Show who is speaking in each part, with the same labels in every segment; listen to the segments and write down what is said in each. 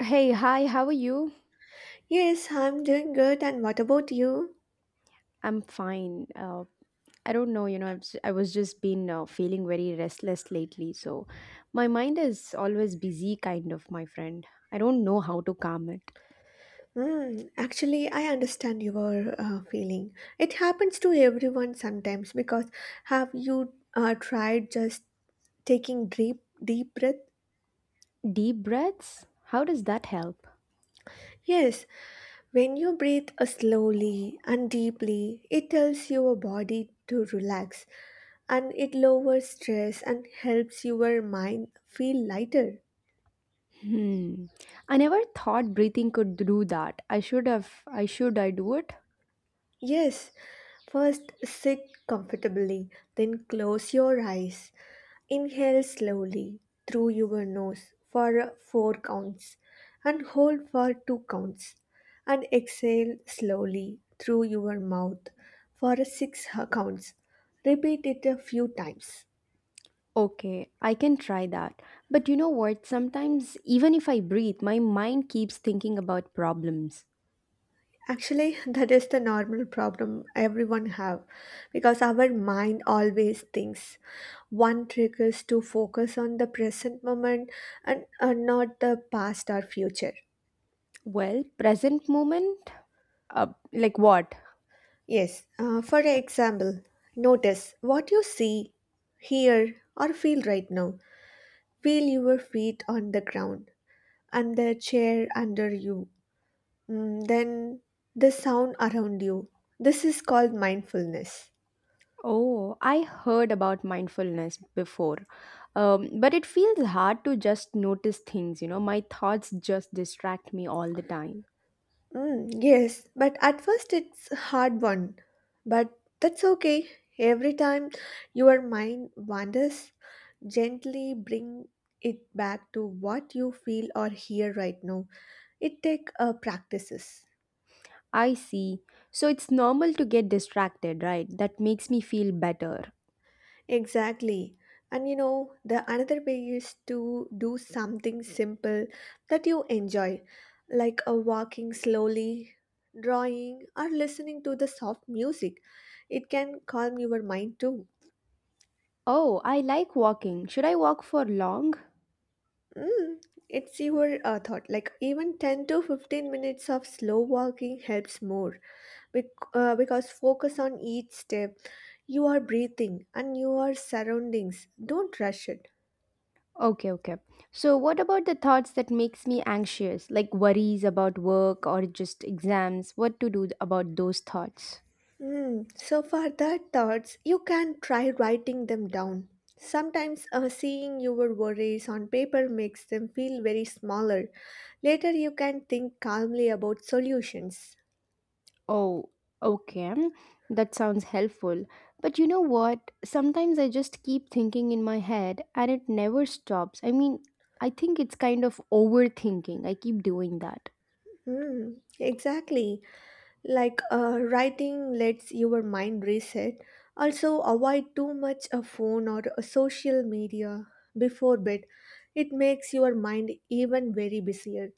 Speaker 1: Hey, hi, how are you?
Speaker 2: Yes, I'm doing good. And what about you?
Speaker 1: I'm fine. I don't know, I was just been feeling very restless lately. So my mind is always busy, kind of, my friend. I don't know how to calm it.
Speaker 2: Hmm, actually, I understand your feeling. It happens to everyone sometimes because have you tried just taking deep breath?
Speaker 1: Deep breaths? How does that help?
Speaker 2: Yes, when you breathe slowly and deeply, it tells your body to relax, and it lowers stress and helps your mind feel lighter.
Speaker 1: Hmm. I never thought breathing could do that. I should I do it?
Speaker 2: Yes, first sit comfortably, then close your eyes. Inhale slowly through your nose for 4 counts, and hold for 2 counts, and exhale slowly through your mouth for 6 counts. Repeat it a few times.
Speaker 1: Okay, I can try that. But you know what? Sometimes, even if I breathe, my mind keeps thinking about problems.
Speaker 2: Actually, that is the normal problem everyone have, because our mind always thinks. One trick is to focus on the present moment, and not the past or future.
Speaker 1: Well, present moment? Uh, like what?
Speaker 2: Yes, for example, notice what you see, hear, or feel right now. Feel your feet on the ground and the chair under you, then the sound around you. This is called mindfulness.
Speaker 1: Oh, I heard about mindfulness before, but it feels hard to just notice things. My thoughts just distract me all the time.
Speaker 2: Mm, yes, but at first it's a hard one, but that's okay. Every time your mind wanders, gently bring it back to what you feel or hear right now. It take practices.
Speaker 1: I see. So it's normal to get distracted, right? That makes me feel better.
Speaker 2: Exactly. And you know, the another way is to do something simple that you enjoy, like a walking slowly, drawing, or listening to the soft music. It can calm your mind too.
Speaker 1: Oh, I like walking. Should I walk for long?
Speaker 2: Mm, it's your thought. Like even 10 to 15 minutes of slow walking helps more because focus on each step. You are breathing and your surroundings. Don't rush it.
Speaker 1: Okay, okay. So what about the thoughts that makes me anxious, like worries about work or just exams? What to do about those thoughts?
Speaker 2: Hmm. So for the thoughts, you can try writing them down. Sometimes seeing your worries on paper makes them feel very smaller. Later, you can think calmly about solutions.
Speaker 1: Oh, okay. That sounds helpful. But you know what? Sometimes I just keep thinking in my head and it never stops. I mean, I think it's kind of overthinking. I keep doing that.
Speaker 2: Hmm. Exactly. Like writing lets your mind reset. Also, avoid too much a phone or a social media before bed. It makes your mind even very busier.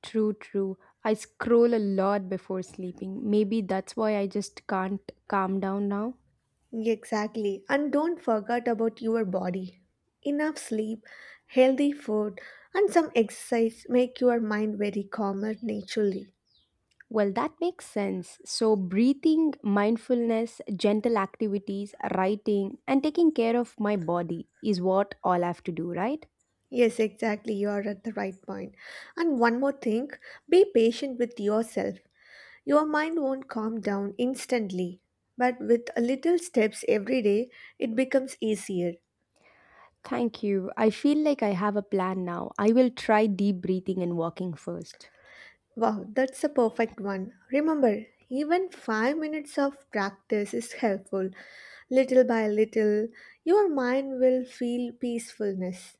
Speaker 1: True, true. I scroll a lot before sleeping. Maybe that's why I just can't calm down now.
Speaker 2: Exactly. And don't forget about your body. Enough sleep, healthy food, and some exercise make your mind very calmer naturally.
Speaker 1: Well, that makes sense. So, breathing, mindfulness, gentle activities, writing, and taking care of my body is what all I have to do, right?
Speaker 2: Yes, exactly. You are at the right point. And one more thing, be patient with yourself. Your mind won't calm down instantly, but with a little steps every day, it becomes easier.
Speaker 1: Thank you. I feel like I have a plan now. I will try deep breathing and walking first.
Speaker 2: Wow, that's a perfect one. Remember, even 5 minutes of practice is helpful. Little by little, your mind will feel peacefulness.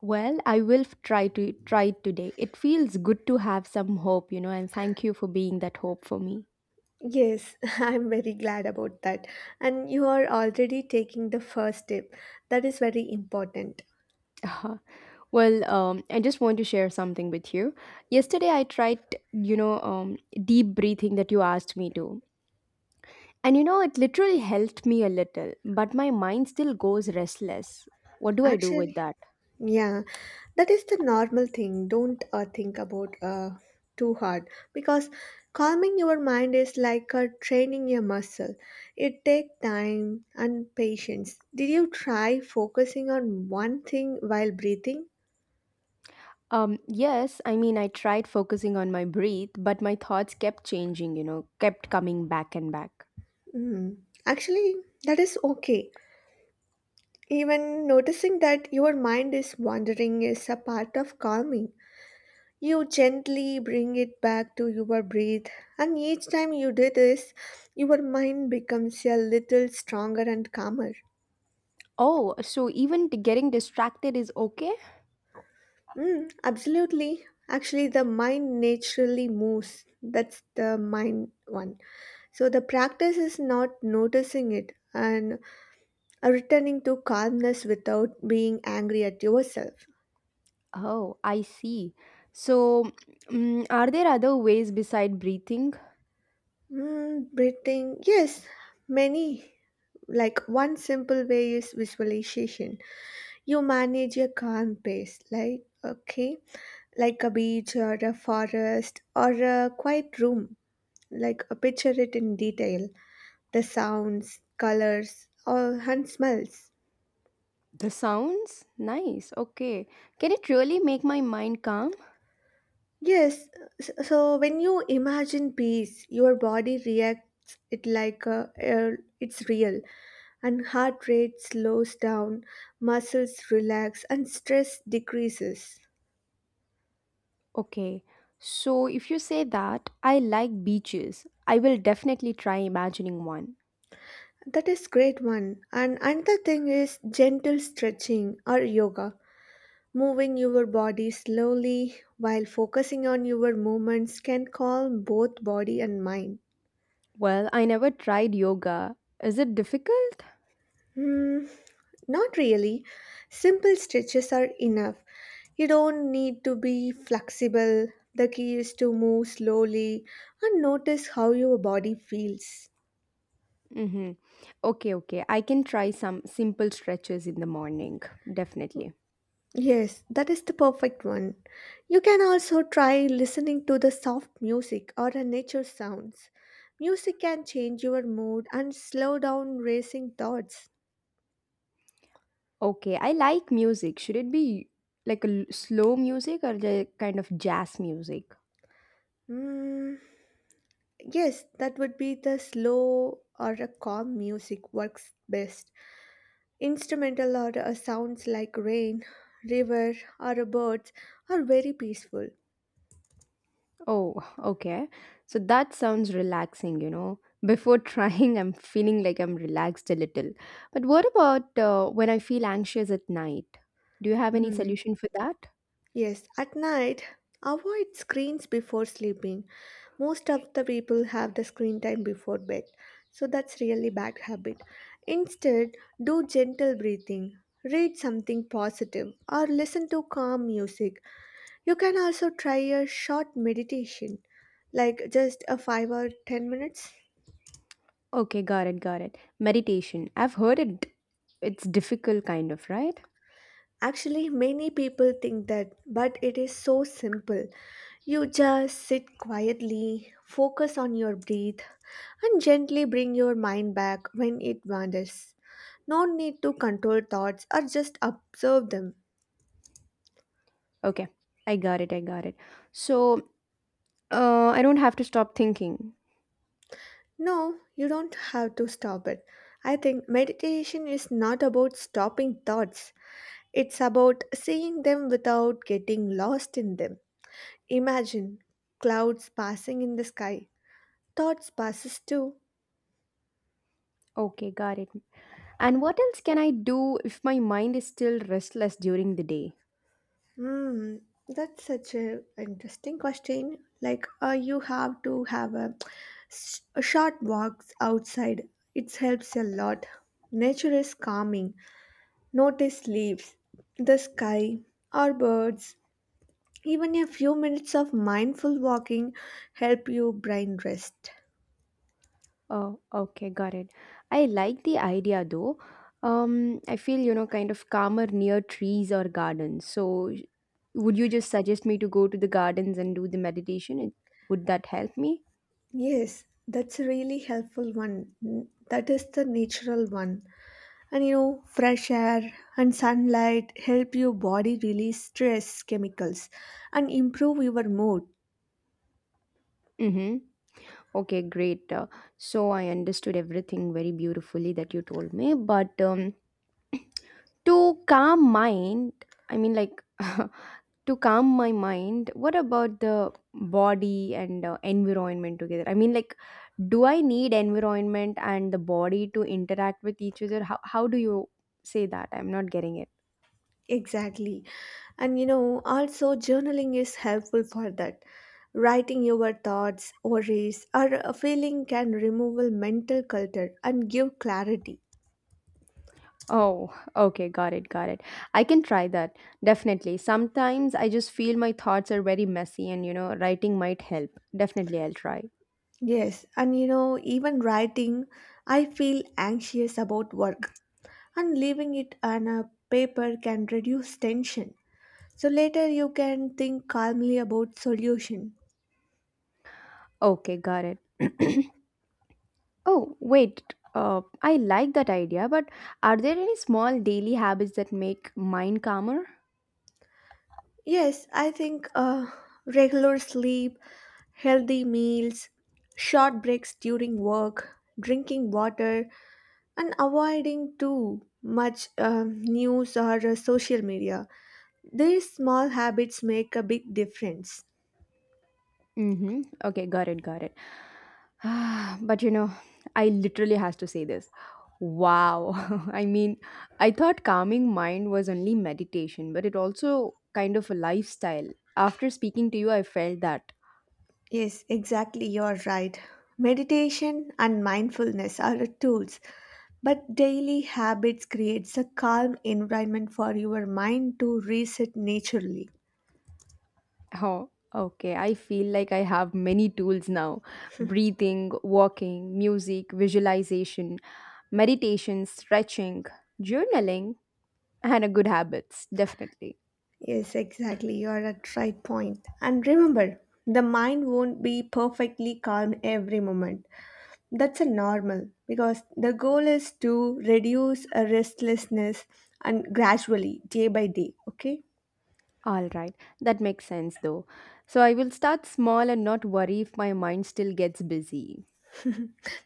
Speaker 1: Well, try to try it today. It feels good to have some hope, you know, and thank you for being that hope for me.
Speaker 2: Yes, I'm very glad about that. And you are already taking the first step. That is very important.
Speaker 1: Uh-huh. Well, I just want to share something with you. Yesterday, I tried, you know, um, deep breathing that you asked me to. And, you know, it literally helped me a little, but my mind still goes restless. What do I do with
Speaker 2: Actually,
Speaker 1: that?
Speaker 2: yeah, that is the normal thing. Don't think about too hard, because calming your mind is like training your muscle. It takes time and patience. Did you try focusing on one thing while breathing?
Speaker 1: Yes, I mean, I tried focusing on my breath, but my thoughts kept changing, you know, kept coming back and back.
Speaker 2: Mm. Actually, that is okay. Even noticing that your mind is wandering is a part of calming. You gently bring it back to your breath, and each time you do this, your mind becomes a little stronger and calmer.
Speaker 1: Oh, so even getting distracted is okay?
Speaker 2: Mm, absolutely. Actually, the mind naturally moves. That's the mind one. So, the practice is not noticing it and returning to calmness without being angry at yourself.
Speaker 1: Oh, I see. So, are there other ways beside breathing?
Speaker 2: Mm, breathing, yes, many. Like one simple way is visualization. You manage a calm pace, like, okay, like a beach or a forest or a quiet room. Like, picture it in detail, the sounds, colors, or, and smells.
Speaker 1: The sounds? Nice. Okay. Can it really make my mind calm?
Speaker 2: Yes, so when you imagine peace, your body reacts it like it's real, and heart rate slows down, muscles relax, and stress decreases.
Speaker 1: Okay, so if you say that I like beaches, I will definitely try imagining one.
Speaker 2: That is great one. And another thing is gentle stretching or yoga. Moving your body slowly while focusing on your movements can calm both body and mind.
Speaker 1: Well, I never tried yoga. Is it difficult?
Speaker 2: Hmm, not really. Simple stretches are enough. You don't need to be flexible. The key is to move slowly and notice how your body feels.
Speaker 1: Mm-hmm. Okay, okay. I can try some simple stretches in the morning. Definitely.
Speaker 2: Yes, that is the perfect one. You can also try listening to the soft music or the nature sounds. Music can change your mood and slow down racing thoughts.
Speaker 1: Okay, I like music. Should it be like slow music or the kind of jazz music?
Speaker 2: Mm, yes, that would be the slow or a calm music works best. Instrumental or sounds like rain, river, or birds are very peaceful.
Speaker 1: Oh, okay. So that sounds relaxing, you know. Before trying, I'm feeling like I'm relaxed a little. But what about when I feel anxious at night? Do you have any
Speaker 2: Mm.
Speaker 1: solution for that?
Speaker 2: Yes, at night, avoid screens before sleeping. Most of the people have the screen time before bed, so that's really bad habit. Instead, do gentle breathing, read something positive, or listen to calm music. You can also try a short meditation, like just a 5 or 10 minutes.
Speaker 1: Okay, got it, got it. Meditation. I've heard it. It's difficult, kind of, right?
Speaker 2: Actually, many people think that, but it is so simple. You just sit quietly, focus on your breath, and gently bring your mind back when it wanders. No need to control thoughts, or just observe them.
Speaker 1: Okay, I got it. So I don't have to stop thinking.
Speaker 2: No, you don't have to stop it. I think meditation is not about stopping thoughts, it's about seeing them without getting lost in them. Imagine clouds passing in the sky, thoughts passes too.
Speaker 1: Okay, got it. And what else can I do if my mind is still restless during the day?
Speaker 2: Hmm, that's such a interesting question. Like, you have to have a, a short walks outside. It helps a lot. Nature is calming. Notice leaves, the sky, or birds. Even a few minutes of mindful walking help your brain rest.
Speaker 1: Oh, okay, got it. I like the idea though. I feel, you know, kind of calmer near trees or gardens. So, would you just suggest me to go to the gardens and do the meditation? Would that help me?
Speaker 2: Yes, that's a really helpful one. That is the natural one. And you know, fresh air and sunlight help your body release stress chemicals and improve your mood.
Speaker 1: Mm-hmm. Okay, great. So, I understood everything very beautifully that you told me. But to calm mind, I mean, like, to calm my mind, what about the body and environment together? I mean, like, do I need environment and the body to interact with each other? How do you say that? I'm not getting it.
Speaker 2: Exactly. And you know, also journaling is helpful for that. Writing your thoughts, worries, or a feeling can remove mental clutter and give clarity.
Speaker 1: Oh, okay, got it. I can try that. Definitely, sometimes I just feel my thoughts are very messy, and you know, writing might help. Definitely, I'll try.
Speaker 2: Yes, and you know, even writing, I feel anxious about work, and leaving it on a paper can reduce tension. So later you can think calmly about solution.
Speaker 1: Okay, got it. Oh wait, I like that idea, but are there any small daily habits that make mind calmer?
Speaker 2: Yes, I think regular sleep, healthy meals, short breaks during work, drinking water, and avoiding too much news or social media. These small habits make a big difference.
Speaker 1: Mm-hmm. Okay, got it. But you know, I literally has to say this. Wow. I mean, I thought calming mind was only meditation, but it also kind of a lifestyle. After speaking to you, I felt that.
Speaker 2: Yes, exactly, you're right. Meditation and mindfulness are tools, but daily habits creates a calm environment for your mind to reset naturally.
Speaker 1: Oh, okay. I feel like I have many tools now. Breathing, walking, music, visualization, meditation, stretching, journaling, and a good habits, definitely.
Speaker 2: Yes, exactly. You are at right point. And remember, the mind won't be perfectly calm every moment. That's a normal, because the goal is to reduce a restlessness and gradually day by day. Okay.
Speaker 1: All right, that makes sense though. So I will start small and not worry if my mind still gets busy.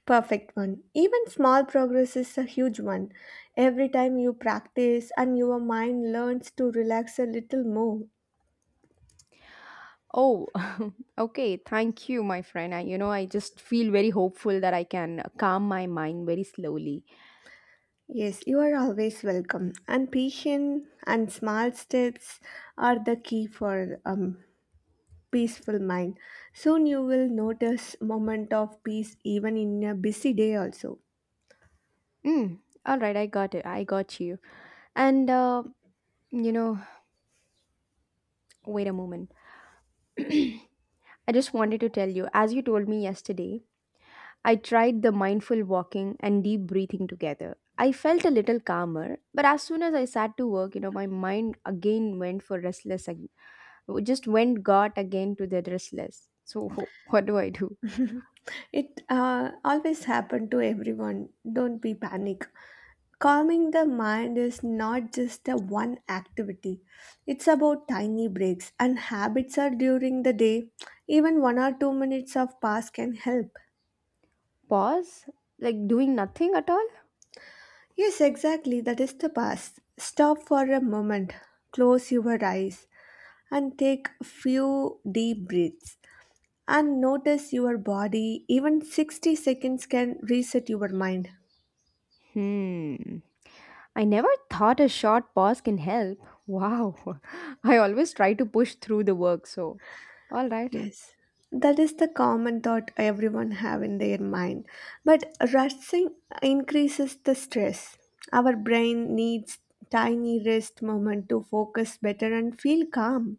Speaker 2: Perfect one. Even small progress is a huge one. Every time you practice and your mind learns to relax a little more.
Speaker 1: Oh, okay. Thank you, my friend. I, you know, I just feel very hopeful that I can calm my mind very slowly.
Speaker 2: Yes, you are always welcome. And patience and small steps are the key for peaceful mind. Soon you will notice moment of peace even in a busy day also.
Speaker 1: Mm, all right, I got it. I got you. And, you know, wait a moment. I just wanted to tell you, as you told me yesterday, I tried the mindful walking and deep breathing together. I felt a little calmer, but as soon as I sat to work, you know, my mind again went for restless, just went got again to the restless. So, what do I do?
Speaker 2: It always happen to everyone. Don't be panic. Calming the mind is not just a one activity. It's about tiny breaks and habits are during the day. Even 1 or 2 minutes of pause can help.
Speaker 1: Pause? Like doing nothing at all?
Speaker 2: Yes, exactly. That is the past. Stop for a moment, close your eyes, and take a few deep breaths. And notice your body. Even 60 seconds can reset your mind.
Speaker 1: Hmm. I never thought a short pause can help. Wow. I always try to push through the work, so, alright.
Speaker 2: Yes. That is the common thought everyone have in their mind. But rushing increases the stress. Our brain needs tiny rest moment to focus better and feel calm.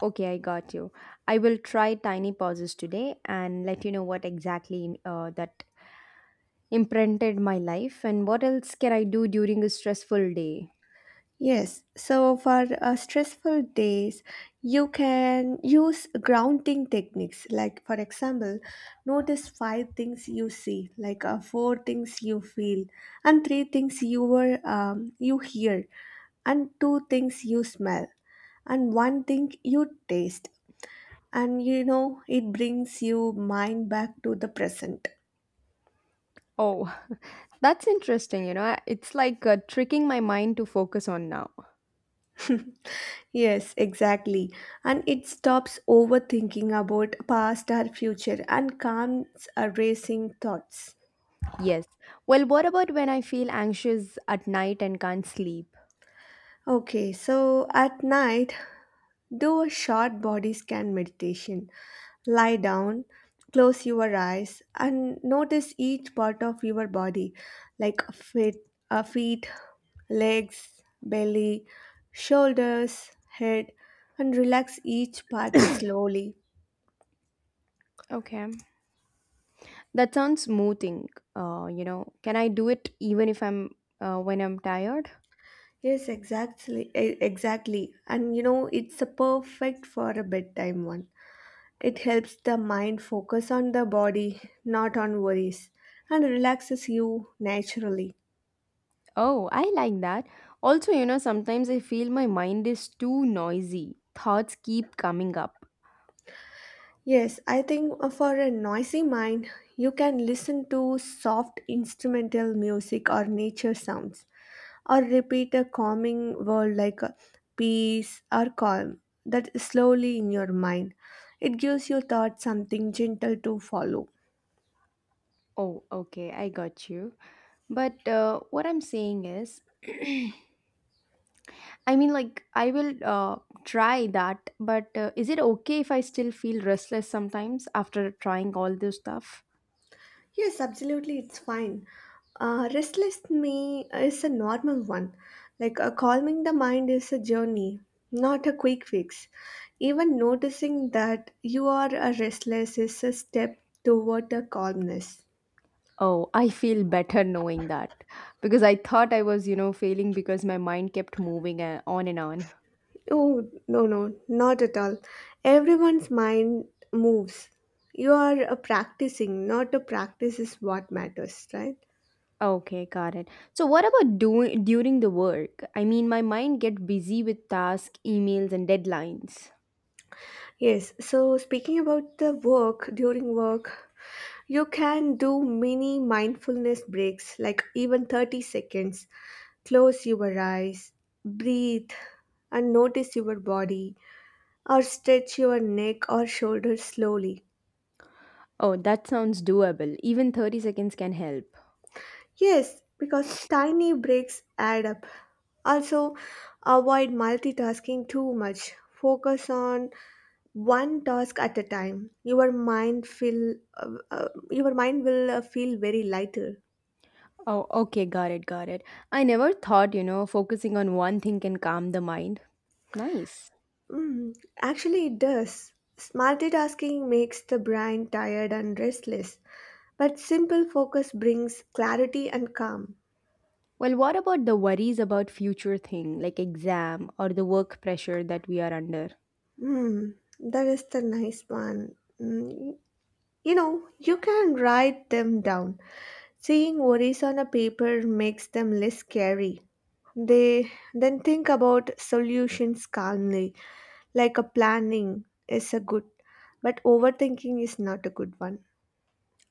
Speaker 1: Okay, I got you. I will try tiny pauses today and let you know what exactly that imprinted my life, and what else can I do during a stressful day.
Speaker 2: Yes, so for stressful days, you can use grounding techniques. Like, for example, notice five things you see, like four things you feel, and three things you were you hear, and two things you smell, and one thing you taste. And you know, it brings you mind back to the present.
Speaker 1: Oh, that's interesting. You know, it's like tricking my mind to focus on now.
Speaker 2: Yes, exactly. And it stops overthinking about past or future and calms our racing thoughts.
Speaker 1: Yes. Well, what about when I feel anxious at night and can't sleep?
Speaker 2: Okay, so at night, do a short body scan meditation. Lie down, close your eyes, and notice each part of your body, like feet, legs, belly, shoulders, head, and relax each part slowly.
Speaker 1: Okay. That sounds smoothing. You know, can I do it even if I'm when I'm tired?
Speaker 2: Yes, exactly. Exactly. And you know, it's a perfect for a bedtime one. It helps the mind focus on the body, not on worries, and relaxes you naturally.
Speaker 1: Oh, I like that. Also, you know, sometimes I feel my mind is too noisy. Thoughts keep coming up.
Speaker 2: Yes, I think for a noisy mind, you can listen to soft instrumental music or nature sounds, or repeat a calming word like peace or calm that slowly in your mind. It gives your thoughts something gentle to follow.
Speaker 1: Oh, okay, I got you. But what I'm saying is I mean, like, I will try that, but is it okay if I still feel restless sometimes after trying all this stuff?
Speaker 2: Yes, absolutely, it's fine. Restless me is a normal one. Like calming the mind is a journey, not a quick fix. Even noticing that you are restless is a step toward a calmness.
Speaker 1: Oh, I feel better knowing that, because I thought I was, you know, failing because my mind kept moving on and on.
Speaker 2: Oh, no, no, not at all. Everyone's mind moves. You are practicing, not a practice is what matters, right?
Speaker 1: Okay, got it. So, what about doing during the work? I mean, my mind get busy with tasks, emails, and deadlines.
Speaker 2: Yes, so speaking about the work, during work, you can do mini mindfulness breaks, like even 30 seconds. Close your eyes, breathe, and notice your body, or stretch your neck or shoulders slowly.
Speaker 1: Oh, that sounds doable. Even 30 seconds can help.
Speaker 2: Yes, because tiny breaks add up. Also, avoid multitasking too much. Focus on one task at a time. Your mind feel, your mind will feel very lighter.
Speaker 1: Oh, okay, got it. I never thought, you know, focusing on one thing can calm the mind. Nice.
Speaker 2: Mm, actually, it does. Multitasking makes the brain tired and restless, but simple focus brings clarity and calm.
Speaker 1: Well, what about the worries about future thing, like exam or the work pressure that we are under?
Speaker 2: Mm, that is the nice one. Mm, you know, you can write them down. Seeing worries on a paper makes them less scary. They then think about solutions calmly, like a planning is a good, but overthinking is not a good one.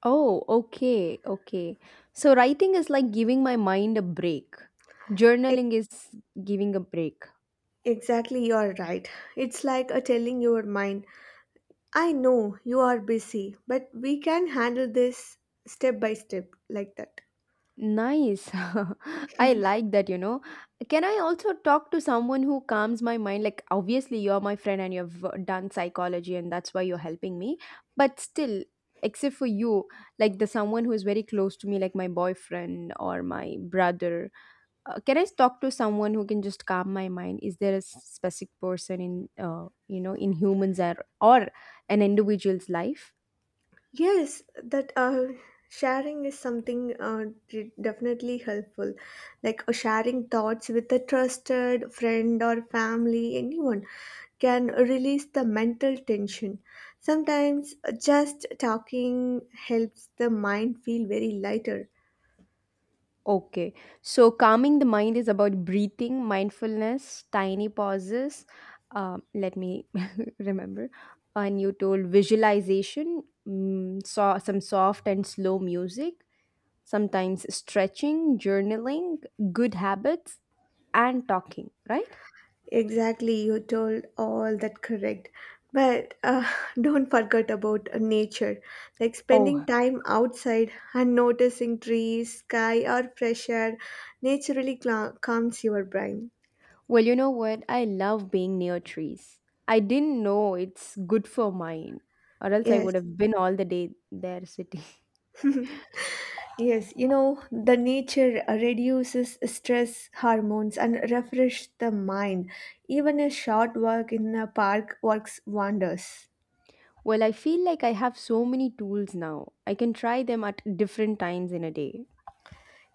Speaker 1: Oh, okay, okay. So writing is like giving my mind a break. Journaling is giving a break.
Speaker 2: Exactly, you're right. It's like a telling your mind, I know you are busy, but we can handle this step by step, like that.
Speaker 1: Nice. I like that, you know. Can I also talk to someone who calms my mind? Like, obviously, you're my friend and you've done psychology, and that's why you're helping me. But still, except for you, like the someone who is very close to me, like my boyfriend or my brother, can I talk to someone who can just calm my mind? Is there a specific person in, you know, in humans, or an individual's life?
Speaker 2: Yes, that sharing is something definitely helpful. Like sharing thoughts with a trusted friend or family, anyone can release the mental tension. Sometimes just talking helps the mind feel very lighter.
Speaker 1: Okay. So calming the mind is about breathing, mindfulness, tiny pauses. Let me remember. And you told visualization, mm, so, some soft and slow music, sometimes stretching, journaling, good habits, and talking, right?
Speaker 2: Exactly, you told all that correct. But don't forget about nature, like
Speaker 1: Oh,
Speaker 2: spending time outside and noticing trees, sky, or fresh air naturally cla calms your brain.
Speaker 1: well, you know what? I love being near trees. I didn't know it's good for mine, or else I
Speaker 2: Yes,
Speaker 1: would have been all the day there sitting.
Speaker 2: yes, you know, the nature reduces stress hormones and refresh the mind. Even a short walk in a park works wonders.
Speaker 1: Well, I feel like I have so many tools now. I can try them at different times in a day.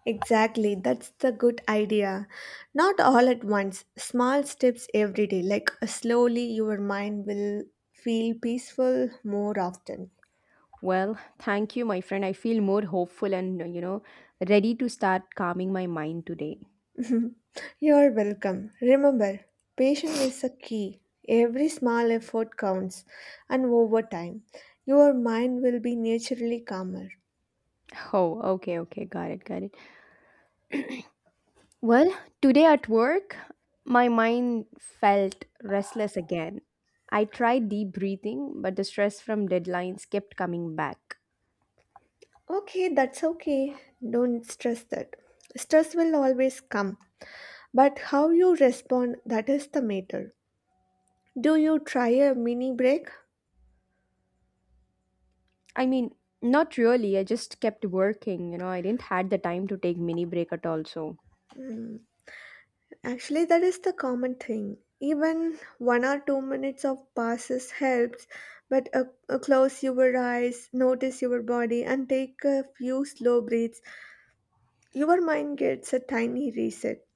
Speaker 2: Exactly, that's the good idea. Not all at once, small steps every day, like slowly your mind will feel peaceful more often.
Speaker 1: Well, thank you, my friend. I feel more hopeful and, you know, ready to start calming my mind today.
Speaker 2: You're welcome. Remember, patience is a key. Every small effort counts, and over time, your mind will be naturally calmer.
Speaker 1: Oh, okay, okay. Got it, got it. Well, today at work, my mind felt restless again. I tried deep breathing, but the stress from deadlines kept coming back.
Speaker 2: Okay, that's okay. Don't stress that. Stress will always come, but how you respond that is the matter. Do you try a mini break?
Speaker 1: I mean, not really. I just kept working, you know, I didn't had the time to take mini break at all, so.
Speaker 2: Mm. Actually, that is the common thing. Even one or two minutes of passes helps, but close your eyes, notice your body, and take a few slow breaths. Your mind gets a tiny reset.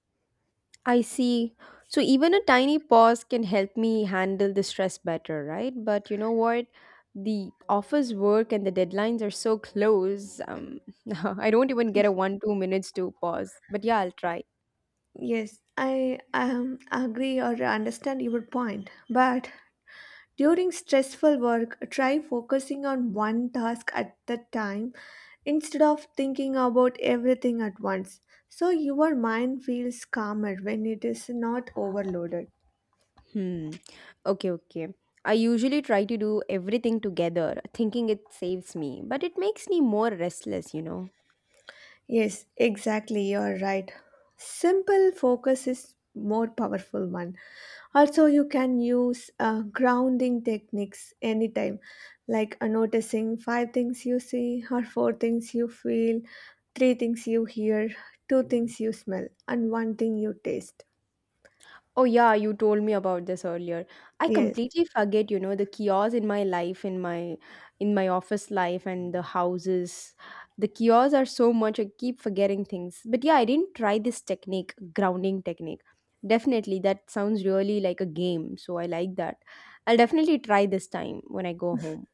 Speaker 1: I see. So even a tiny pause can help me handle the stress better, right? But you know what? The office work and the deadlines are so close. I don't even get a one, 2 minutes to pause. But yeah, I'll try.
Speaker 2: Yes, I agree or understand your point, but during stressful work, try focusing on one task at a time instead of thinking about everything at once. So your mind feels calmer when it is not overloaded.
Speaker 1: Hmm. Okay, okay. I usually try to do everything together, thinking it saves me, but it makes me more restless, you know.
Speaker 2: Yes, exactly. You're right. Simple focus is more powerful one. Also, you can use grounding techniques anytime, like noticing five things you see, or four things you feel, three things you hear, two things you smell, and one thing you taste.
Speaker 1: Oh yeah, you told me about this earlier. I
Speaker 2: Yes.
Speaker 1: completely forget, you know, the kiosks in my life, in my office life and the houses. The kiosks are so much I keep forgetting things. But yeah, I didn't try this technique, grounding technique. Definitely, that sounds really like a game, so I like that. I'll definitely try this time when I go home.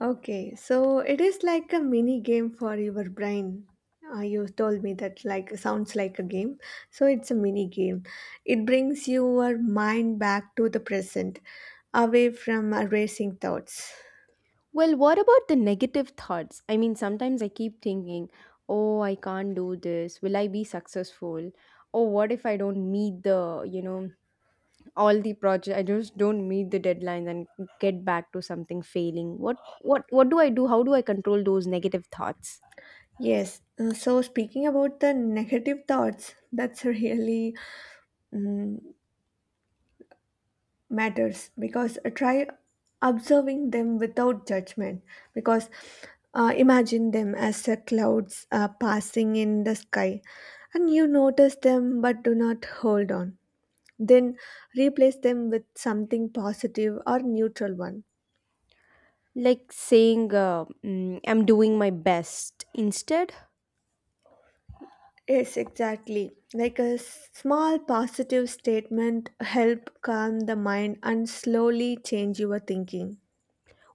Speaker 2: Okay, so it is like a mini game for your brain. You told me that like sounds like a game. So it's a mini game. It brings your mind back to the present, away from racing thoughts.
Speaker 1: Well, what about the negative thoughts? I mean, sometimes I keep thinking, "Oh, I can't do this. Will I be successful? Oh, what if I don't meet all the project? I just don't meet the deadline and get back to something failing. What do I do? How do I control those negative thoughts
Speaker 2: Yes. So speaking about the negative thoughts, that's really, mm, matters because try observing them without judgment, because imagine them as clouds passing in the sky, and you notice them but do not hold on, then replace them with something positive or neutral one.
Speaker 1: like saying I'm doing my best instead?"
Speaker 2: Yes, exactly, like a small positive statement help calm the mind and slowly change your thinking.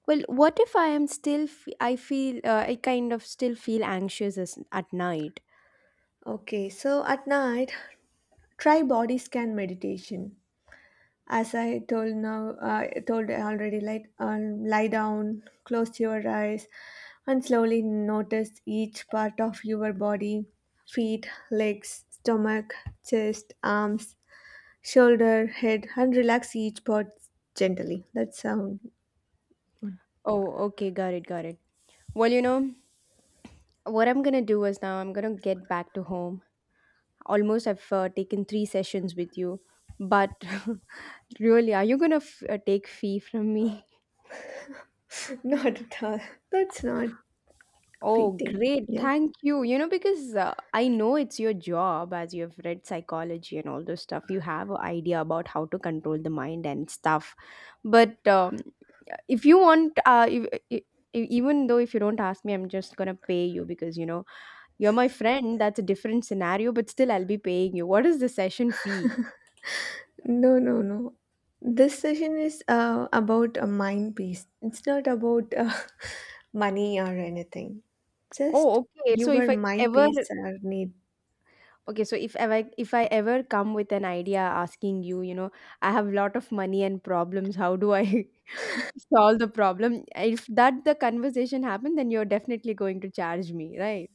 Speaker 1: Well, what if I am still I feel, I kind of still feel anxious at night?
Speaker 2: Okay, so at night, try body scan meditation. As I told now, told already, like lie down, close your eyes, and slowly notice each part of your body: feet, legs, stomach, chest, arms, shoulder, head, and relax each part gently. That's sound.
Speaker 1: Oh, okay, got it, got it. Well, what I'm gonna do is now I'm gonna get back to home. Almost I've taken three sessions with you, but really, are you gonna take fee from me?
Speaker 2: Not at all. That's not
Speaker 1: Oh,
Speaker 2: fitting.
Speaker 1: great.
Speaker 2: Yeah.
Speaker 1: Thank you. You know, because I know it's your job. As you've read psychology and all those stuff, you have an idea about how to control the mind and stuff. But if you want, if, even though if you don't ask me, I'm just gonna pay you because, you know, you're my friend. That's a different scenario, but still, I'll be paying you. What is the session fee?
Speaker 2: No, no, no. This session is about a mind piece. It's not about money or anything. Just
Speaker 1: Oh, okay. So if
Speaker 2: your
Speaker 1: I
Speaker 2: mind
Speaker 1: ever,
Speaker 2: piece are need.
Speaker 1: okay, so if ever, if I ever come with an idea asking you, you know, I have lot of money and problems. How do I solve the problem? If that the conversation happened, then you're definitely going to charge me, right?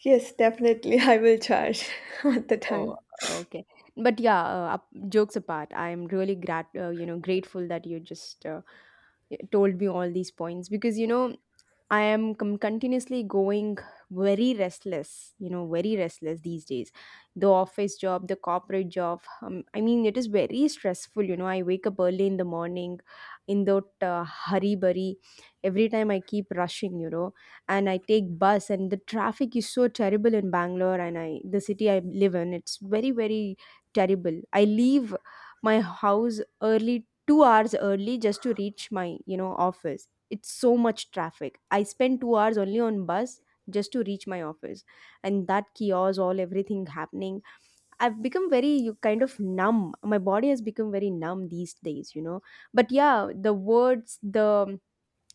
Speaker 2: Yes, definitely. I will charge at the
Speaker 1: Oh,
Speaker 2: time.
Speaker 1: okay. But yeah, jokes apart, I'm really grat you know, grateful that you just told me all these points because, you know, I am com continuously going very restless, you know, very restless these days. The office job, the corporate job, I mean, it is very stressful, you know. I wake up early in the morning in that hurry burry. Every time I keep rushing, you know, and I take bus, and the traffic is so terrible in Bangalore. And I the city I live in, it's very, very terrible. I leave my house early 2 hours early just to reach my, you know, office. It's so much traffic. I spend 2 hours only on bus just to reach my office. And that chaos, all everything happening, I've become very, you kind of numb. My body has become very numb these days, you know. But yeah, the words, the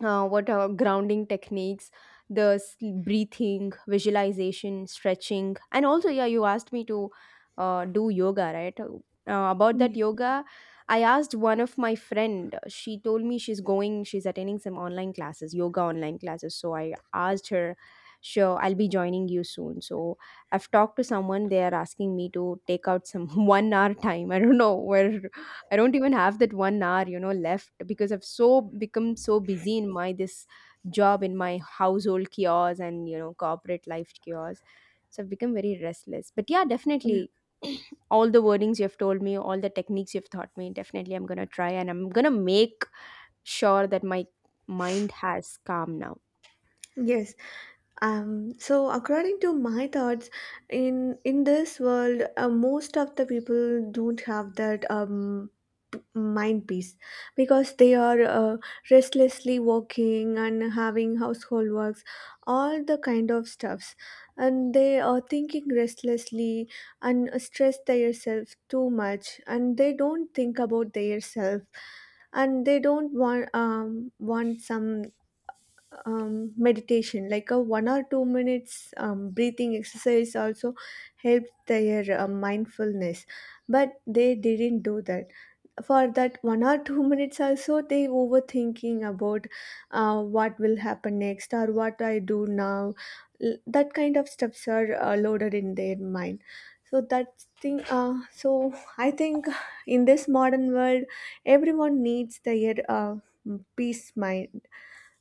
Speaker 1: what are grounding techniques, the sleep, breathing, visualization, stretching. And also, yeah, you asked me to, do yoga, right? About that
Speaker 2: Ye-
Speaker 1: yoga, I asked one of my friend. She told me she's going, she's attending some online classes, yoga online classes. So I asked her, sure, I'll be joining you soon. So I've talked to someone. They are asking me to take out some 1 hour time. I don't know where. I don't even have that 1 hour, you know, left because I've so become so busy in my this job, in my household chaos, and you know, corporate life chaos. So I've become very restless. But yeah, definitely, all the wordings you've told me, all the techniques you've taught me, definitely I'm gonna try, and I'm gonna make sure that my mind has calm now.
Speaker 2: Yes. So according to my thoughts, in this world, most of the people don't have that mind peace because they are restlessly working and having household works, all the kind of stuffs, and they are thinking restlessly and stress themselves too much, and they don't think about their self, and they don't want some meditation like a one or two minutes breathing exercise also helps their mindfulness, but they didn't do that. For that one or two minutes also they overthinking about what will happen next or what I do now. That kind of stuffs are loaded in their mind, so that thing so I think in this modern world everyone needs their peace mind,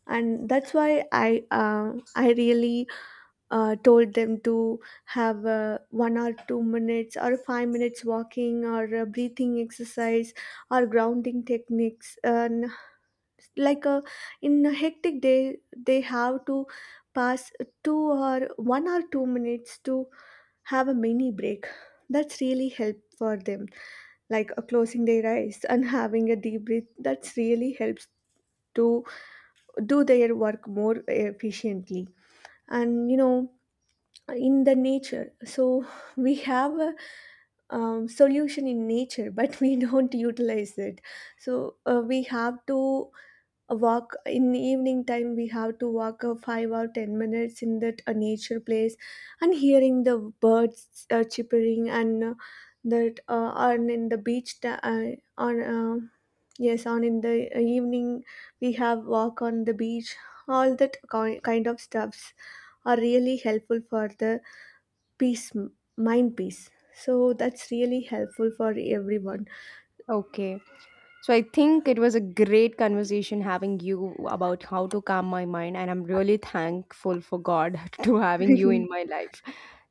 Speaker 2: and that's why I really told them to have a one or two minutes or five minutes walking or a breathing exercise or grounding techniques, and like a in a hectic day they have to pass two or one or two minutes to have a mini break. That's really help for them, like closing their eyes and having a deep breath. That's really helps to do their work more efficiently. And you know, in the nature, so we have a solution in nature, but we don't utilize it. So we have to walk in the evening time, we have to walk a 5 or 10 minutes in that nature place, and hearing the birds chippering, and that on in the beach ta- on yes, on in the evening we have walk on the beach. All that kind of stuffs are really helpful for the peace, mind peace. So that's really helpful for everyone.
Speaker 1: Okay. So I think it was a great conversation having you about how to calm my mind, and I'm really thankful for God to having you in my life.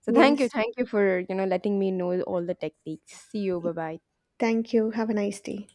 Speaker 1: So
Speaker 2: Yes,
Speaker 1: thank you for, you know, letting me know all the techniques. See you, bye bye.
Speaker 2: thank you, have a nice day.